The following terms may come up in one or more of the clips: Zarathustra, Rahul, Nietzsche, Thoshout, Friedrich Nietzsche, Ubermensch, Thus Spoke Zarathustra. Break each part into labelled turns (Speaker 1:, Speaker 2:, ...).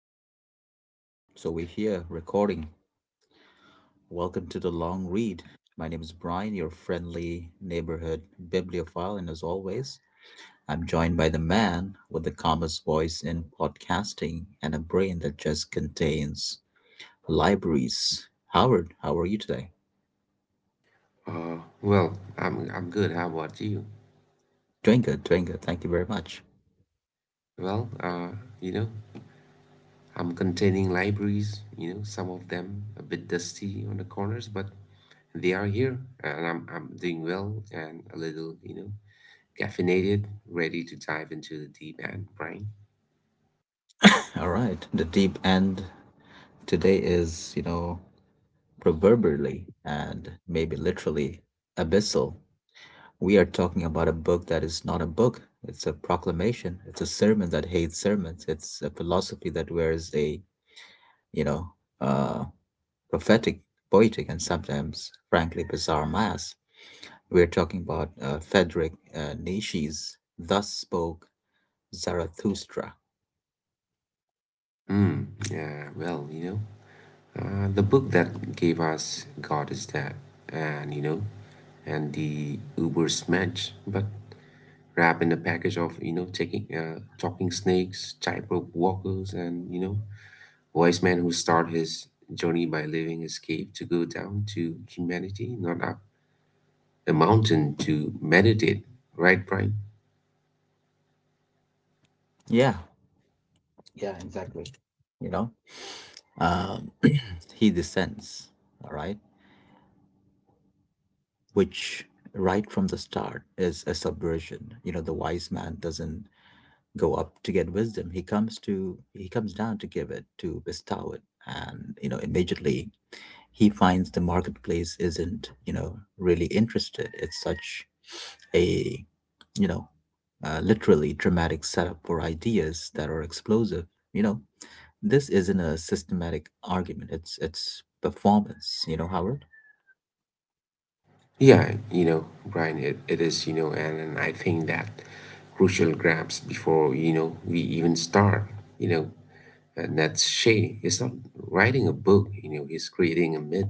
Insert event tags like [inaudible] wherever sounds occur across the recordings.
Speaker 1: Hello and welcome. So we're here recording. Welcome to The Long Read. My name is Brian, your friendly neighborhood bibliophile, and as always, I'm joined by the man with the calmest voice in podcasting and a brain that just contains libraries. Howard, how are you today?
Speaker 2: Well, I'm good. How about you?
Speaker 1: Doing good, doing good. Thank you very much.
Speaker 2: Well, you know, I'm containing libraries. Some of them a bit dusty on the corners, but they are here, and I'm doing well and a little caffeinated, ready to dive into the deep end, brain.
Speaker 1: All right. The deep end today is, proverbially and maybe literally abyssal. We are talking about a book that is not a book. It's a proclamation. It's a sermon that hates sermons. It's a philosophy that wears a, you know, uh, prophetic, poetic, and sometimes, frankly, bizarre mask. We're talking about Frederick Nietzsche's Thus Spoke Zarathustra.
Speaker 2: Hmm. Yeah. Well. The book that gave us God is Dead, and you know, and the Uber Smash, but wrapped in a package of taking talking snakes, tightrope walkers, and wise man who start his journey by leaving his cave to go down to humanity, not up a mountain to meditate. Right, Brian?
Speaker 1: Yeah, yeah, exactly. You know, um, [clears throat] he descends, all right? Which, right from the start, is a subversion. The wise man doesn't go up to get wisdom. He comes down to give it, to bestow it. And you know Immediately he finds the marketplace isn't really interested. It's such a you know literally dramatic setup for ideas that are explosive. you know this isn't a systematic argument. It's performance, Howard.
Speaker 2: Yeah, Brian, it is, and I think that crucial grabs before, we even start, you know, and that's Shay. He's not writing a book, he's creating a myth.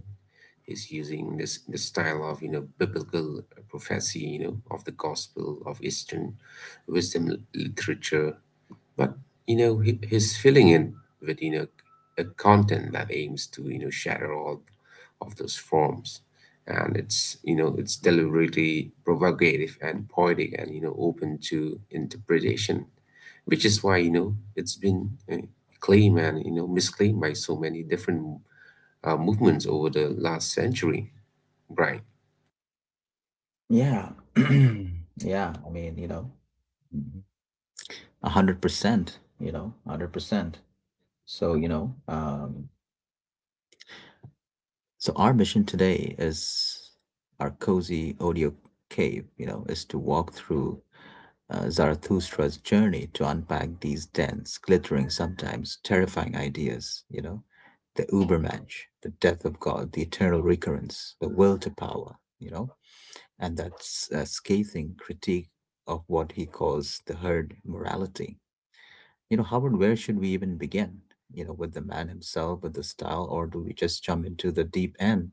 Speaker 2: He's using this the style of biblical prophecy, of the gospel of Eastern wisdom literature. But he's filling in with a content that aims to shatter all of those forms, and it's you know it's deliberately provocative and poetic and open to interpretation, which is why it's been claimed and misclaimed by so many different movements over the last century, Brian.
Speaker 1: Yeah. [clears throat] Yeah, I mean, a 100%, you know, 100%. So, so our mission today, is our cozy audio cave, you know, is to walk through Zarathustra's journey to unpack these dense, glittering, sometimes terrifying ideas, you know, the Ubermensch, the death of God, the eternal recurrence, the will to power, you know, and that's a scathing critique of what he calls the herd morality. You know, Howard, where should we even begin? You know, with the man himself, with the style, or do we just jump into the deep end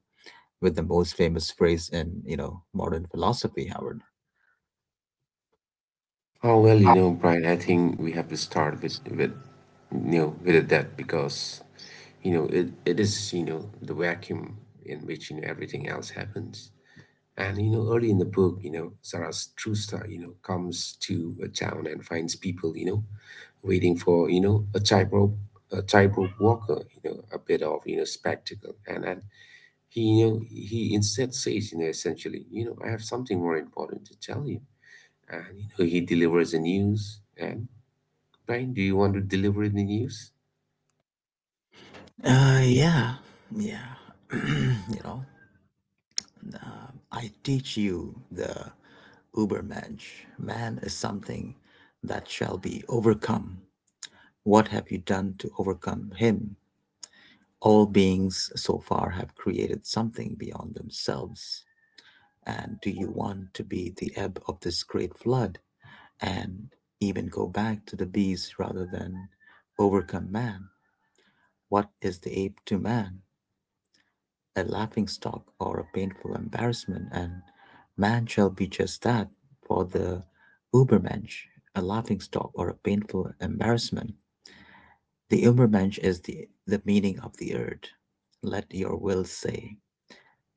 Speaker 1: with the most famous phrase in, you know, modern philosophy, Howard?
Speaker 2: Oh well, Brian, I think we have to start with that, because it is the vacuum in which everything else happens. And early in the book, Sarah's true star, comes to a town and finds people, waiting for a tightrope walker, a bit of spectacle. And he instead says, essentially, I have something more important to tell you, and he delivers the news. And Brian, do you want to deliver the news?
Speaker 1: Uh, yeah, yeah. [clears throat] you know, uh, I teach you the Ubermensch. Man is something that shall be overcome. What have you done to overcome him? All beings so far have created something beyond themselves. And do you want to be the ebb of this great flood and even go back to the beast rather than overcome man? What is the ape to man? A laughing stock or a painful embarrassment, and man shall be just that for the Ubermensch, a laughing stock or a painful embarrassment. The Ubermensch is the meaning of the earth. Let your will say: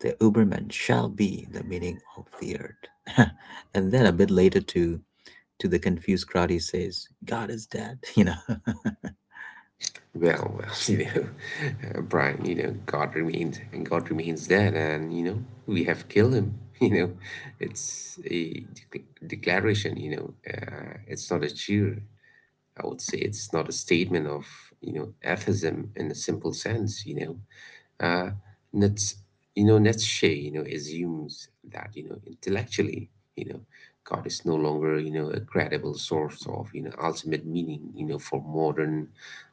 Speaker 1: the Uberman shall be the meaning of the earth. [laughs] And then a bit later, to the confused crowd he says, God is dead, [laughs] you know.
Speaker 2: Well, [laughs] Brian, God remains and God remains dead, and we have killed him. [laughs] It's a declaration. It's not a cheer. I would say it's not a statement of atheism in a simple sense. Uh, Nietzsche, assumes that, intellectually, God is no longer, a credible source of, ultimate meaning, for modern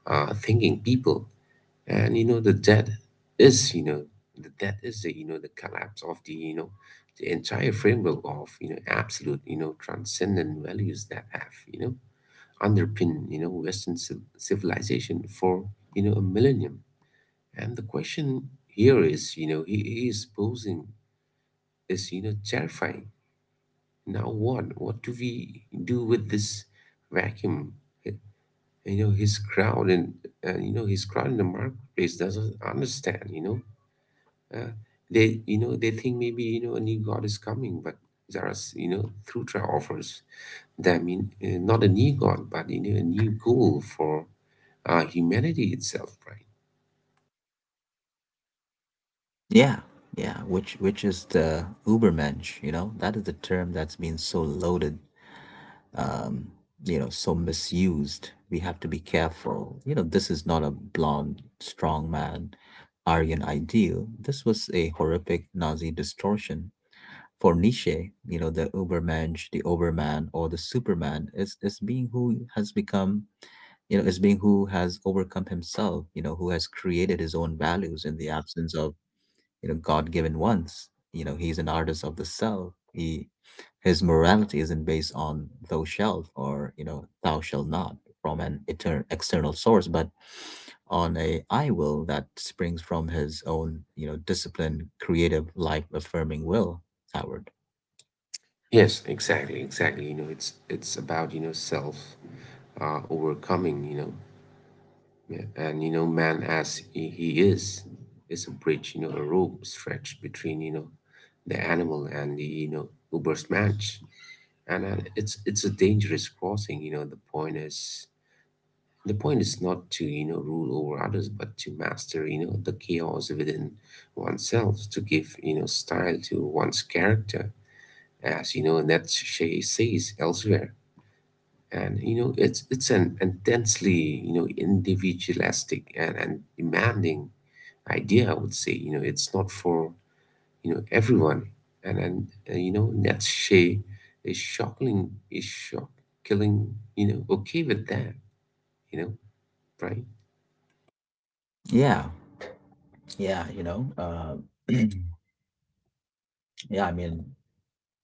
Speaker 2: thinking people. And, is, you know, the death is the, the collapse of the, the entire framework of, absolute, transcendent values that have, underpin Western civilization for a millennium. And the question here is he is posing is terrifying. Now what? What do we do with this vacuum? It- You know his crowd and you know His crowd in the marketplace doesn't understand. Uh, they think maybe a new god is coming, but Zaras Thutra offers them in, not a new god but a new goal for humanity itself, right?
Speaker 1: [laughs] yeah. Yeah, which is the Ubermensch, you know? That is the term that's been so loaded, um, you know, so misused. We have to be careful. You know, this is not a blonde, strong man, Aryan ideal. This was a horrific Nazi distortion. For Nietzsche, you know, the Ubermensch, the Overman, or the Superman is being who has become, you know, is being who has overcome himself, you know, who has created his own values in the absence of, you know, God-given ones. You know, he's an artist of the self. He His morality isn't based on thou shalt or, you know, thou shalt not from an external source, but on a I will that springs from his own, you know, disciplined, creative, life affirming will, Howard.
Speaker 2: Yes, exactly, exactly. It's about self overcoming. Yeah. And man as he is a bridge. A rope stretched between the animal and the Uber's match, and it's a dangerous crossing. The point is not to rule over others, but to master the chaos within oneself, to give style to one's character, as and that she says elsewhere. And it's an intensely individualistic and demanding idea. I would say it's not for everyone. And Nietzsche is shocking is shock killing okay with that, you know, right.
Speaker 1: Yeah, yeah, [clears throat] yeah, I mean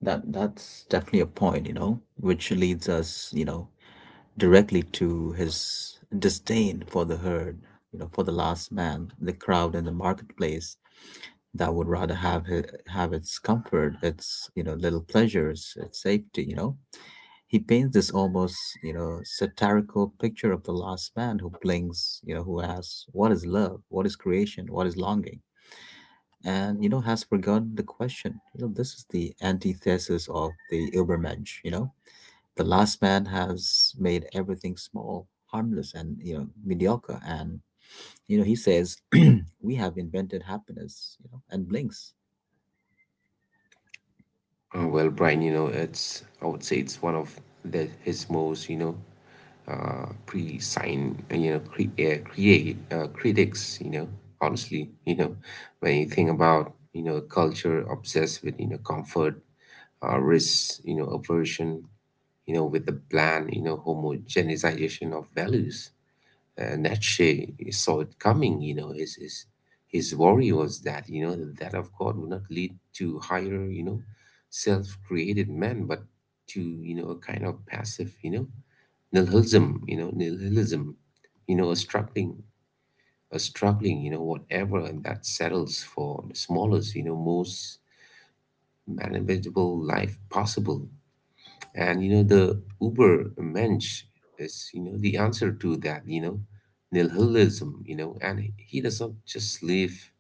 Speaker 1: that's definitely a point, you know, which leads us, you know, directly to his disdain for the herd, you know, for the last man, the crowd and the marketplace that would rather have its comfort, its, you know, little pleasures, its safety, you know. He paints this almost, you know, satirical picture of the last man who blinks, you know, who asks, what is love? What is creation? What is longing? And has forgotten the question. You know, this is the antithesis of the Ubermensch. You know, the last man has made everything small, harmless, and mediocre. And he says, [clears throat] "We have invented happiness," you know, and blinks.
Speaker 2: Well, Brian, it's I would say it's one of the his most pre-sign you know cre- create critics. Honestly, when you think about a culture obsessed with comfort, risks, aversion, with the bland, homogenization of values, and Nietzsche saw it coming. His worry was that that of God would not lead to higher, self-created man, but to a kind of passive, nihilism. Nihilism. You know, a struggling, a struggling. Whatever that settles for the smallest, most manageable life possible. And the Uber Mensch is, the answer to that, nihilism, and he does not just live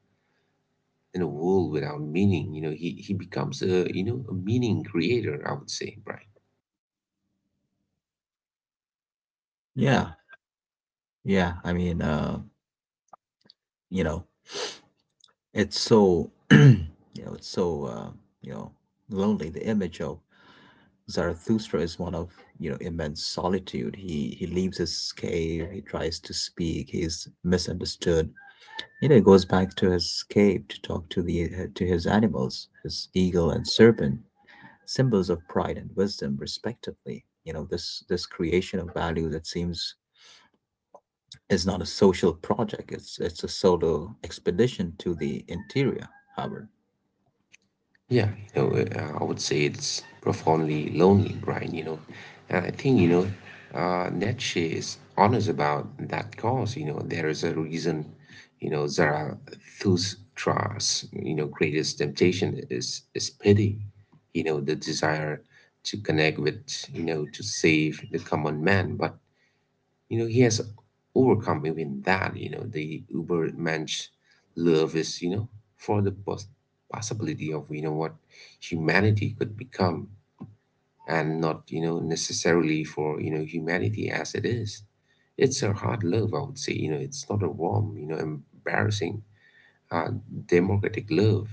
Speaker 2: in a world without meaning. He becomes a meaning creator, I would say, Brian.
Speaker 1: Yeah, yeah. I mean, you know, it's so [clears throat] it's so you know lonely. The image of Zarathustra is one of immense solitude. He leaves his cave. He tries to speak. He's misunderstood. You know, he goes back to his cave to talk to the to his animals, his eagle and serpent, symbols of pride and wisdom, respectively. You know, this creation of value that seems is not a social project. It's a solo expedition to the interior, Howard.
Speaker 2: Yeah, I would say it's profoundly lonely, Brian. And I think, Nietzsche is honest about that cause. There is a reason, Zarathustra's, greatest temptation is pity, the desire to connect with, to save the common man. But he has overcome even that. You know the uber mensch love is for the possibility of what humanity could become, and not necessarily for humanity as it is. It's a hard love, I would say. It's not a warm, embarrassing, uh, democratic love.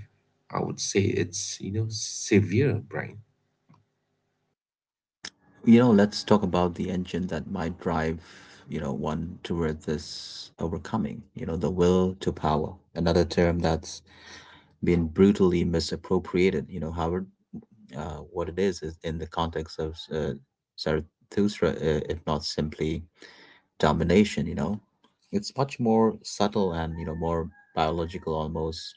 Speaker 2: I would say it's severe, Brian.
Speaker 1: You know, let's talk about the engine that might drive, you know, one toward this overcoming, you know, the will to power, another term that's been brutally misappropriated. You know, Howard, what it is in the context of Zarathustra, if not simply domination, you know, it's much more subtle and, you know, more biological, almost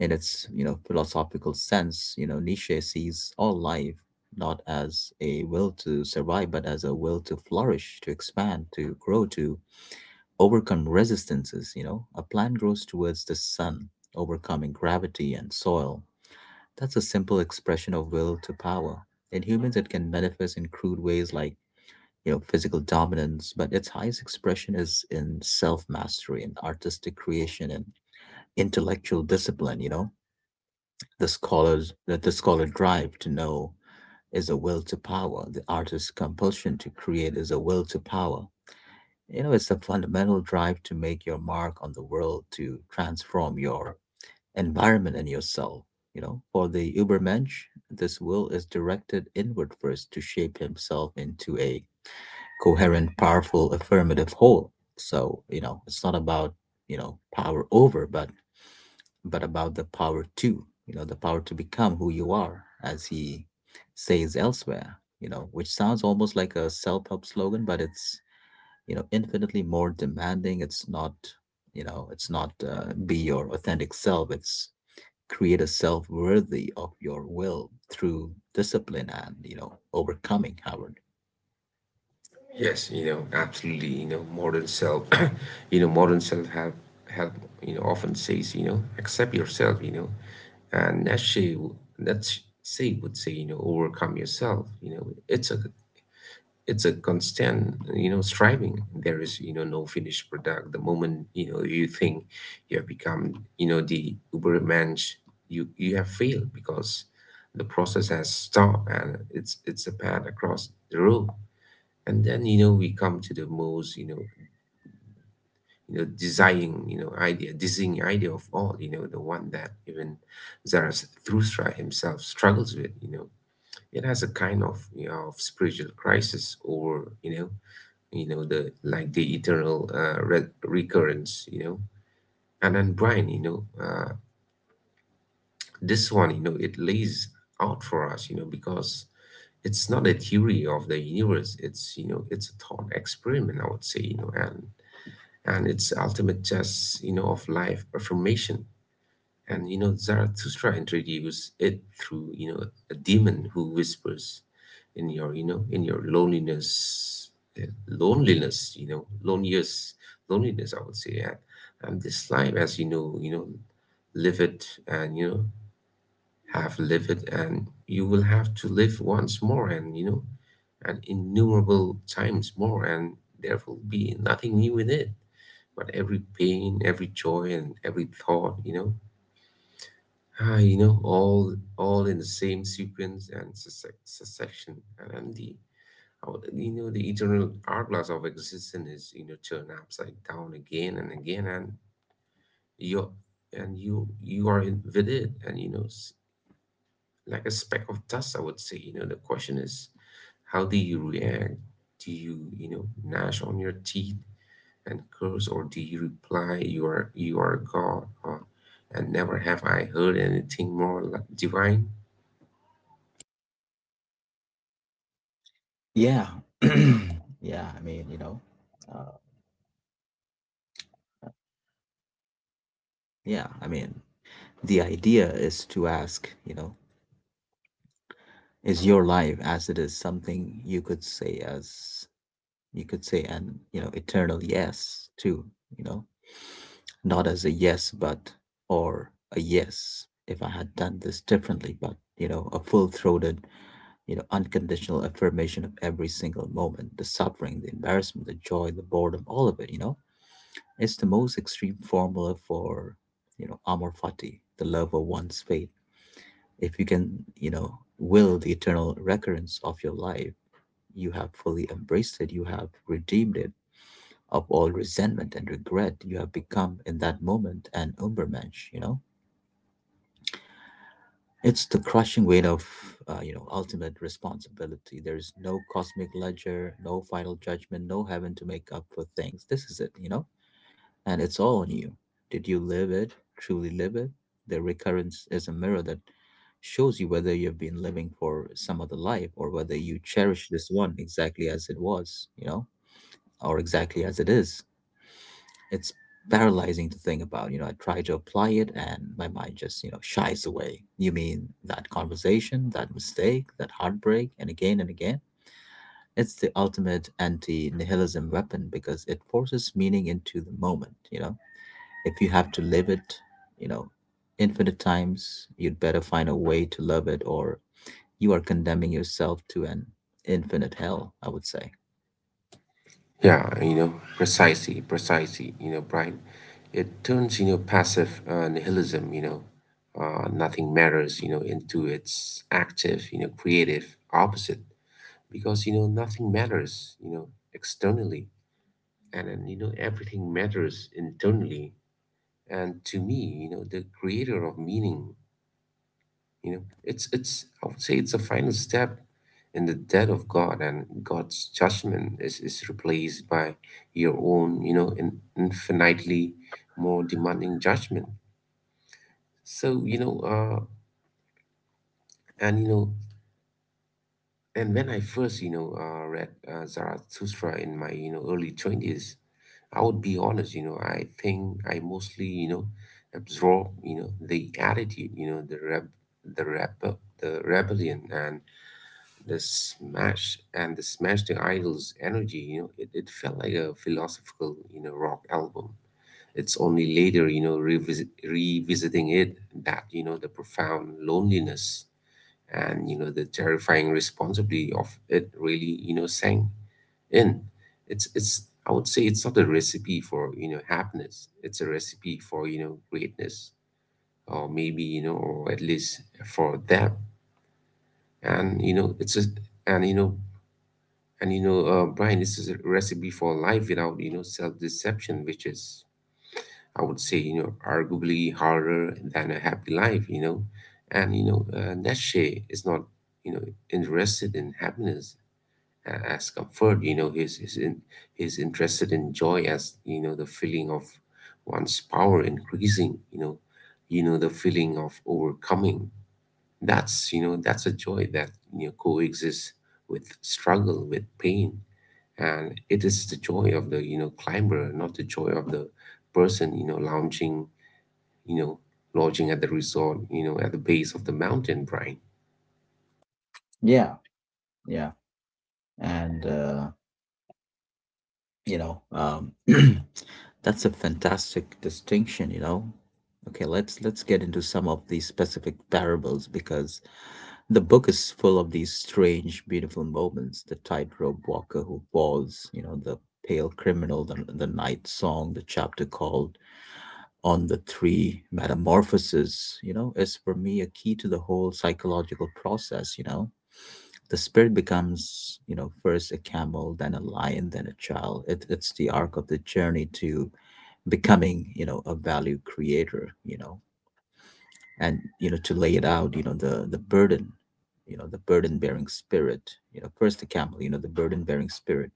Speaker 1: in its, you know, philosophical sense. You know, Nietzsche sees all life not as a will to survive, but as a will to flourish, to expand, to grow, to overcome resistances, you know. A plant grows towards the sun, overcoming gravity and soil. That's a simple expression of will to power. In humans, it can manifest in crude ways like physical dominance, but its highest expression is in self mastery and artistic creation and intellectual discipline. The scholar drive to know is a will to power. The artist's compulsion to create is a will to power. You know, it's a fundamental drive to make your mark on the world, to transform your environment and yourself. You know, for the Ubermensch, this will is directed inward first, to shape himself into a coherent, powerful, affirmative whole. So, you know, it's not about, you know, power over, but about the power to, you know, the power to become who you are, as he says elsewhere, you know, which sounds almost like a self help slogan, but it's, you know, infinitely more demanding. It's not, be your authentic self, it's create a self worthy of your will through discipline and, you know, overcoming, Howard.
Speaker 2: Yes, absolutely. Modern self, [clears throat] modern self help often says accept yourself. And Nietzsche would say overcome yourself. It's a constant striving. There is no finished product. The moment you think you have become the Ubermensch, you have failed because the process has stopped, and it's a path across the road. And then we come to the most designing idea of all, the one that even Zarathustra himself struggles with. It has a kind of spiritual crisis, or the eternal recurrence. And then, Brian, this one, it lays out for us, because it's not a theory of the universe. It's you know it's a thought experiment, I would say. And its ultimate chess, of life affirmation. And Zarathustra introduced it through, a demon who whispers in your, in your loneliness, loneliest loneliness, I would say. And this life, as you know, live it, and have lived it, and you will have to live once more, and and innumerable times more, and there will be nothing new in it but every pain, every joy, and every thought, all in the same sequence and succession, and the our- you know the eternal hourglass of existence is turned upside down again and again, and you you are in, with it, and like a speck of dust, I would say. The question is, how do you react? Do you you know gnash on your teeth? And curse, or do you reply, "You are, you are God, huh? And never have I heard anything more divine?
Speaker 1: Yeah. [clears throat] yeah. I mean, uh, yeah. I mean, the idea is to ask, you know, is your life as it is something you could say as you could say an eternal yes to, you know not as a yes but, or a yes if I had done this differently, but a full-throated, unconditional affirmation of every single moment, the suffering, the embarrassment, the joy, the boredom, all of it. It's the most extreme formula for, amor fati, the love of one's fate. If you can, you know will the eternal recurrence of your life, you have fully embraced it. You have redeemed it of all resentment and regret. You have become in that moment an Ubermensch, you know? It's the crushing weight of, you know, ultimate responsibility. There's no cosmic ledger, no final judgment, no heaven to make up for things. This is it, you know? And it's all on you. Did you live it? Truly live it? The recurrence is a mirror that shows you whether you've been living for some other life or whether you cherish this one exactly as it was, you know? Or exactly as it is. It's paralyzing to think about. You know, I try to apply it and my mind just, you know, shies away. You mean that conversation, that mistake, that heartbreak, and again and again? It's the ultimate anti nihilism weapon because it forces meaning into the moment. You know, if you have to live it, you know, infinite times, you'd better find a way to love it or you are condemning yourself to an infinite hell, I would say.
Speaker 2: Yeah, precisely, precisely, Brian. It turns, passive nihilism, nothing matters, into its active, creative opposite, because, nothing matters, externally. And then, everything matters internally. And to me, the creator of meaning. You know, it's I would say it's a final step in the death of God, and God's judgment is replaced by your own, infinitely more demanding judgment. So, you know, and you know, and when I first, read Zarathustra in my, early 20s. I would be honest, I think I mostly, absorb, the attitude, the rebellion and the smash the idols energy. It felt like a philosophical, rock album. It's only later, revisiting it, that, the profound loneliness and, the terrifying responsibility of it really, sang in. It's I would say it's not a recipe for, happiness. It's a recipe for, greatness. Or maybe, or at least for them. and you know it's a and you know Brian, this is a recipe for life without, self-deception, which is, I would say, arguably harder than a happy life. Neshe is not, you know, interested in happiness as comfort. He's he's interested in joy as, the feeling of one's power increasing. The feeling of overcoming. That's a joy that, coexists with struggle, with pain, and it is the joy of the, climber, not the joy of the person, you know lounging you know lodging at the resort, at the base of the mountain, Brian.
Speaker 1: Yeah, yeah. And you know, [clears throat] that's a fantastic distinction, you know. Okay, let's get into some of these specific parables because the book is full of these strange, beautiful moments. The tightrope walker who falls, the pale criminal, the night song, the chapter called On the Three Metamorphoses, is for me a key to the whole psychological process. The spirit becomes first a camel, then a lion, then a child. It's the arc of the journey to becoming a value creator. And to lay it out, the burden, the burden bearing spirit, first the camel, the burden bearing spirit,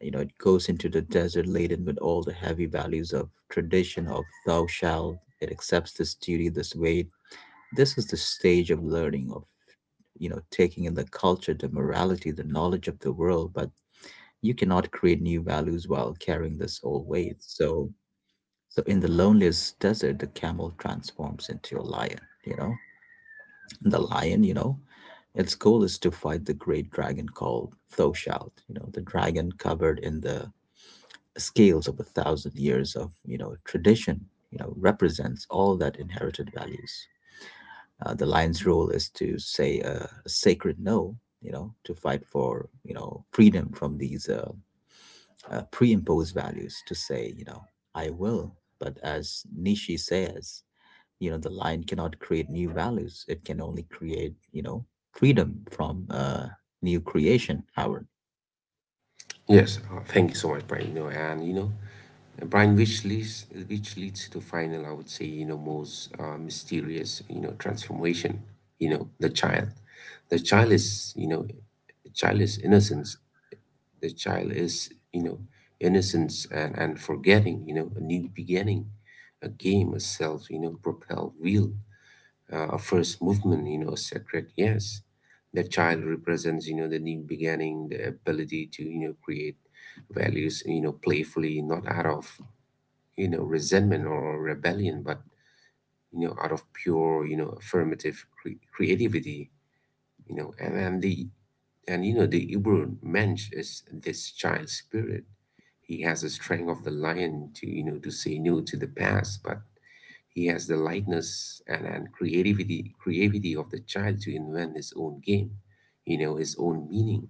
Speaker 1: it goes into the desert laden with all the heavy values of tradition, of thou shalt. It accepts this duty, this weight. This is the stage of learning, of taking in the culture, the morality, the knowledge of the world. But you cannot create new values while carrying this old weight. So in the loneliest desert, the camel transforms into a lion. The lion, its goal is to fight the great dragon called Thoshout, the dragon covered in the scales of a thousand years of, tradition, represents all that inherited values. The lion's role is to say a sacred no, to fight for, freedom from these pre-imposed values, to say, I will. But as Nishi says, the lion cannot create new values. It can only create, freedom from new creation, Howard.
Speaker 2: Yes. Thank you so much, Brian. You know and you know Brian, which leads to the final, I would say, most, mysterious, transformation. The child. The child is you know The child is innocent. The child is, innocence and forgetting, a new beginning, a game, a self, propelled wheel, a first movement, a sacred yes. The child represents, the new beginning, the ability to, create values, playfully, not out of, resentment or rebellion, but, out of pure, affirmative creativity. You know and the and you know, The Hebrew mensch is this child spirit. He has the strength of the lion to say no to the past, but he has the lightness and creativity of the child to invent his own game, his own meaning.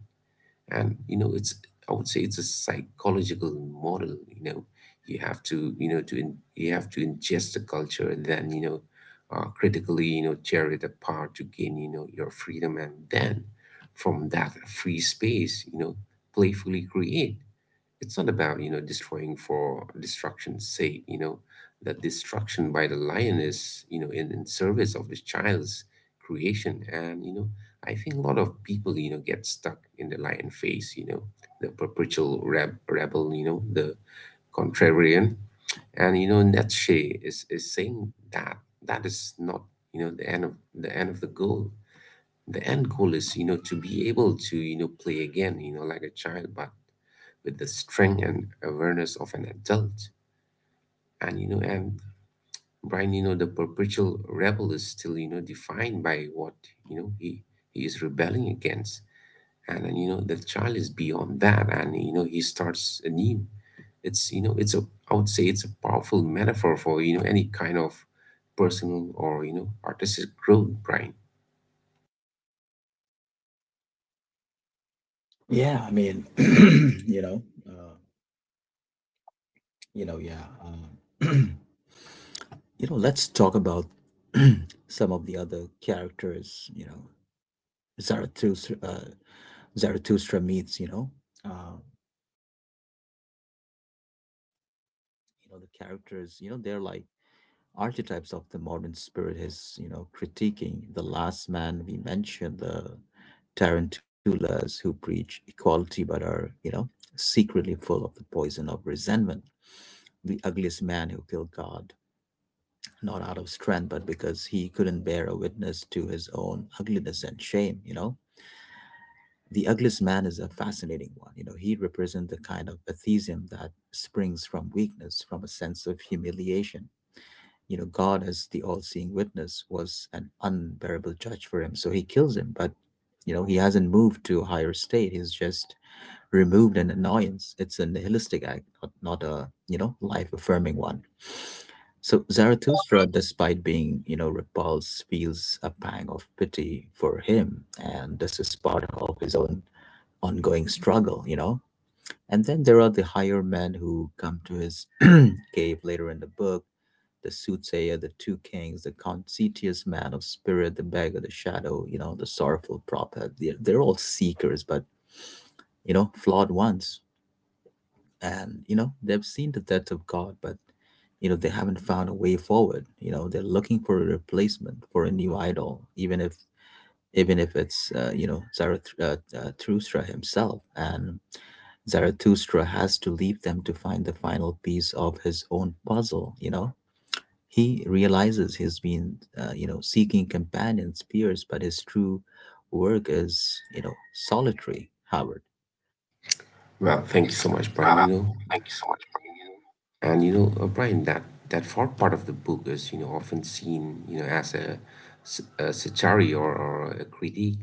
Speaker 2: And you know it's I would say it's a psychological model. You have to you know to in, you have to ingest the culture, and then, critically, tear it apart to gain, your freedom, and then from that free space, playfully create. It's not about, destroying for destruction's sake. That destruction by the lion is, in service of the child's creation, and I think a lot of people, get stuck in the lion phase, the perpetual rebel, the contrarian. And, Nietzsche is saying that that is not, the end of the goal. The end goal is, to be able to, play again, like a child, but with the strength and awareness of an adult. And Brian, the perpetual rebel is still, defined by what, you know he he is rebelling against. And the child is beyond that, and, he starts anew. It's you know it's a I would say it's a powerful metaphor for, any kind of personal or, artistic growth, Brian.
Speaker 1: Yeah, I mean, [clears throat] uh, yeah. Um, [clears throat] let's talk about [clears throat] some of the other characters, Zarathustra, Zarathustra meets, uh, the characters, they're like archetypes of the modern spirit. Is critiquing the last man we mentioned, the tarantulas who preach equality but are secretly full of the poison of resentment. The ugliest man who killed God, not out of strength but because he couldn't bear a witness to his own ugliness and shame. The ugliest man is a fascinating one. He represents the kind of atheism that springs from weakness, from a sense of humiliation. God, as the all-seeing witness, was an unbearable judge for him, so he kills him. But he hasn't moved to a higher state. He's just removed an annoyance. It's a nihilistic act, not a life-affirming one. So Zarathustra, despite being, repulsed, feels a pang of pity for him, and this is part of his own ongoing struggle, And then there are the higher men who come to his [clears throat] cave later in the book: the soothsayer, the two kings, the conscientious man of spirit, the beggar, the shadow, the sorrowful prophet. They're all seekers, but, flawed ones. And, they've seen the death of God, but, they haven't found a way forward. They're looking for a replacement, for a new idol, even if it's Zarathustra himself, and Zarathustra has to leave them to find the final piece of his own puzzle. He realizes he's been seeking companions, peers, but his true work is solitary. Howard.
Speaker 2: Well, thank you so much, Brian.
Speaker 1: Wow. Thank you so much.
Speaker 2: Brian, that that fourth part of the book is, often seen, as a satire, or a critique,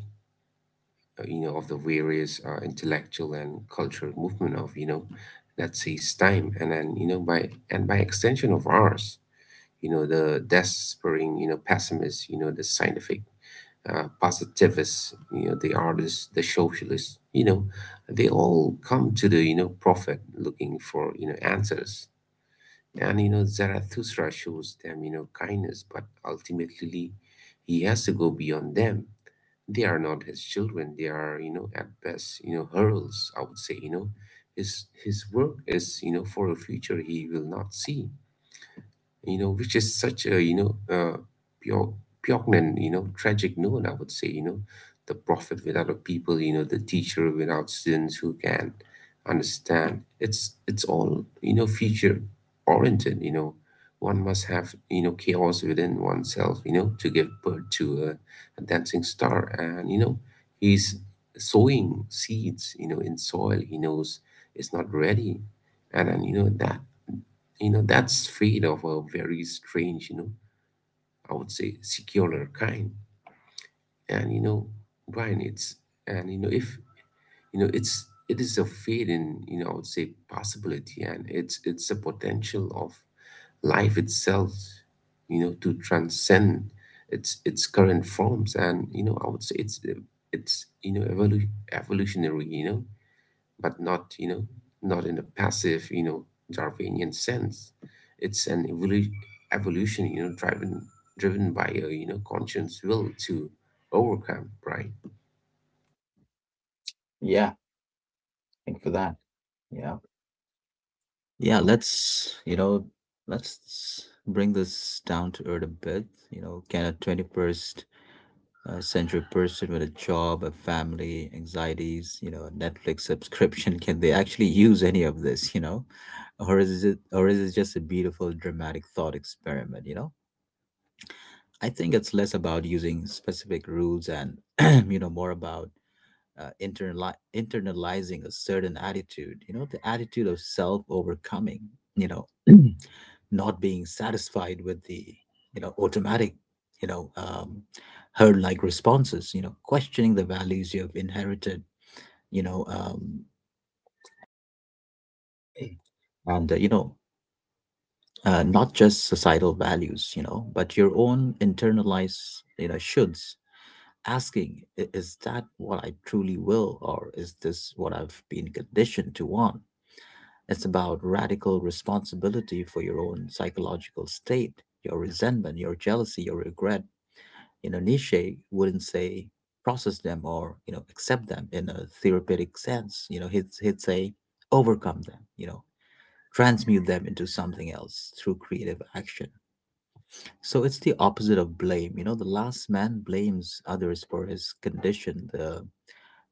Speaker 2: of the various, intellectual and cultural movement of, that says time, and then, by extension of ours, the despairing, pessimists, the scientific, positivists, the artists, the socialists. They all come to the, prophet looking for, answers. And Zarathustra shows them, kindness, but ultimately he has to go beyond them. They are not his children. They are, at best, heralds, I would say. His work is, for a future he will not see, which is such a, pure, poignant, tragic note, I would say, the prophet without a people, the teacher without students who can understand. It's all, future oriented. One must have, chaos within oneself, to give birth to a dancing star. And, he's sowing seeds, in soil he knows is not ready. And that's fate of a very strange, I would say, secular kind. And Brian, it's and you know if you know it's it is a fate in, I would say, possibility, and it's a potential of life itself, to transcend its current forms, and, I would say, it's evolutionary. But not, not in a passive, Darwinian sense. It's an evolution, driven by a, conscious will to overcome, right?
Speaker 1: Yeah, thank for that. Yeah, yeah. Let's you know let's bring this down to earth a bit. You know, can a 21st, a central person with a job, a family, anxieties, a Netflix subscription, [laughs] can they actually use any of this, Or is it just a beautiful dramatic thought experiment, I think it's less about using specific rules and [clears throat] more about internalizing a certain attitude, the attitude of self overcoming, you know. [clears throat] Not being satisfied with the automatic, you know um, herd like responses, questioning the values you have inherited, you know um, [clears throat] and not just societal values, but your own internalized, shoulds, asking, "Is that what I truly will, or is this what I've been conditioned to want?" It's about radical responsibility for your own psychological state, your resentment, your jealousy, your regret. Nietzsche wouldn't say process them, or accept them in a therapeutic sense. You know, he'd say overcome them. Transmute them into something else through creative action. So it's the opposite of blame. The last man blames others for his condition. The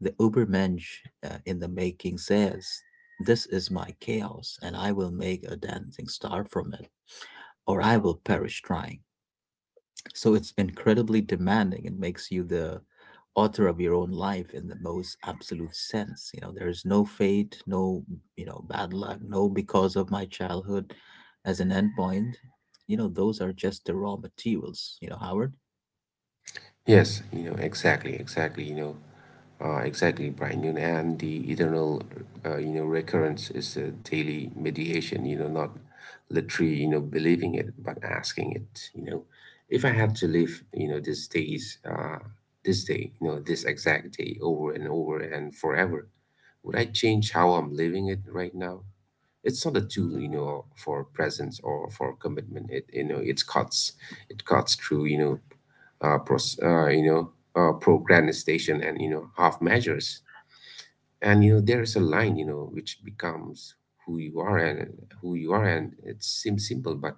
Speaker 1: the Ubermensch, in the making, says, "This is my chaos, and I will make a dancing star from it, or I will perish trying." So it's incredibly demanding. It makes you the author of your own life in the most absolute sense. There is no fate, no, bad luck, no because of my childhood as an endpoint. Those are just the raw materials, Howard.
Speaker 2: Yes, exactly, exactly. Exactly, Brian. And the eternal, recurrence is a daily mediation. Not literally, believing it, but asking it. If I had to live, this day, this exact day, over and over and forever, would I change how I'm living it right now? It's not a tool, for presence or for commitment. It cuts through, pros, you know procrastination and, half measures. And, there is a line, which becomes who you are, and it seems simple, but,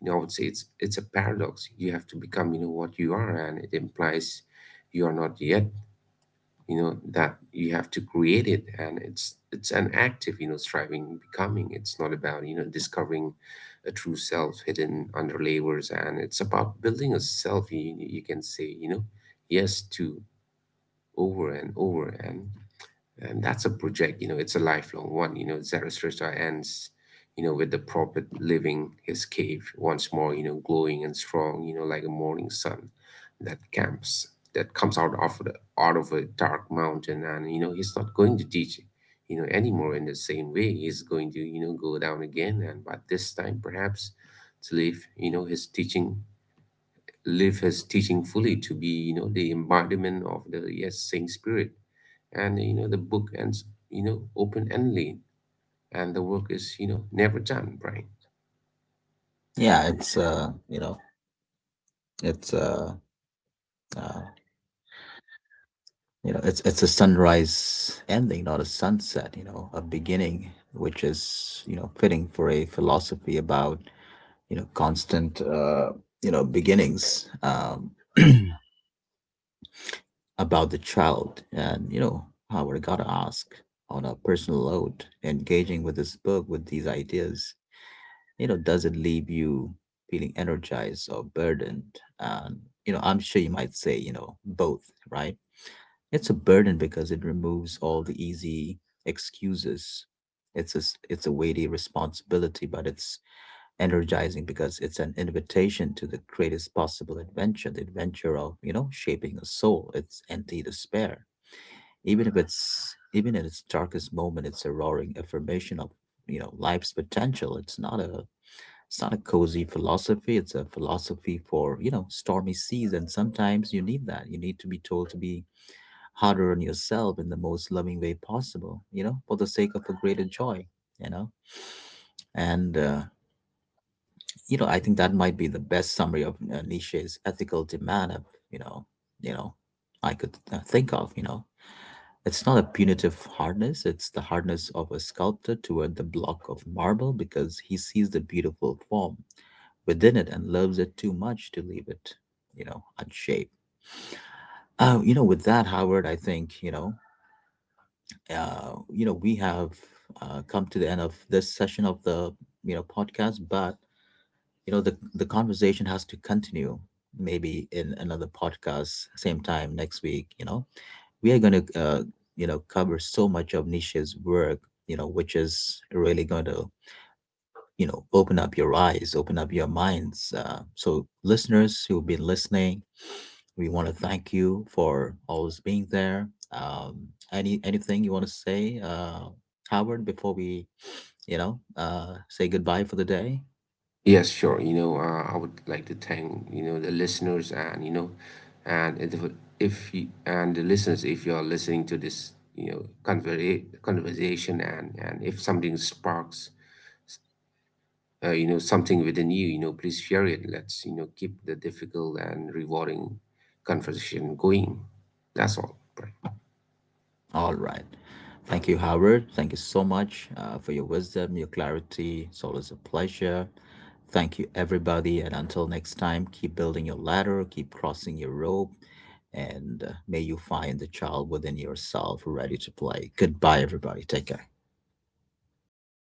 Speaker 2: I would say it's a paradox. You have to become, what you are, and it implies you are not yet, that you have to create it. And it's an active, striving becoming. It's not about, discovering a true self hidden under layers, and it's about building a self you can say, yes to, over and over, and that's a project, it's a lifelong one. Zarathustra ends, with the prophet leaving his cave once more, glowing and strong, like a morning sun that comes out of out of a dark mountain. And, he's not going to teach, anymore in the same way. He's going to, go down again. And but this time, perhaps to leave, you know, his teaching live his teaching fully, to be, the embodiment of the yes saying spirit, and, the book ends, open endedly, and the work is, never done, Brian.
Speaker 1: Yeah, it's you know, it's uh you know, it's a sunrise ending, not a sunset, a beginning, which is, fitting for a philosophy about constant, beginnings, [clears throat] about the child. And how we gotta ask, on a personal note engaging with this book with these ideas, does it leave you feeling energized or burdened? And I'm sure you might say both, right? It's a burden because it removes all the easy excuses. It's a weighty responsibility, but it's energizing because it's an invitation to the greatest possible adventure, the adventure of, shaping a soul. It's anti despair. Even if it's even in its darkest moment, it's a roaring affirmation of, life's potential. It's not a cozy philosophy. It's a philosophy for, stormy seas. And sometimes you need that. You need to be told to be harder on yourself in the most loving way possible, for the sake of a greater joy, you know. And I think that might be the best summary of Nietzsche's ethical demand. Of, you know, you know, I could think of. It's not a punitive hardness; it's the hardness of a sculptor toward the block of marble because he sees the beautiful form within it and loves it too much to leave it, unshaped. Oh, with that, Howard, I think, we have come to the end of this session of the podcast, but the conversation has to continue, maybe in another podcast same time next week. We are going to cover so much of Nisha's work, which is really going to open up your eyes, open up your minds. So listeners who've been listening, we want to thank you for always being there. um anything you want to say, Howard, before we say goodbye for the day?
Speaker 2: Yes, sure. I would like to thank, the listeners, and if you and the listeners, if you're listening to this, conversation, and if something sparks, something within you, you know please share it. Let's, keep the difficult and rewarding conversation going. That's all right.
Speaker 1: All right. Thank you, Howard. Thank you so much for your wisdom, your clarity. It's always a pleasure. Thank you, everybody. And until next time, keep building your ladder, keep crossing your rope, and may you find the child within yourself ready to play. Goodbye, everybody. Take care.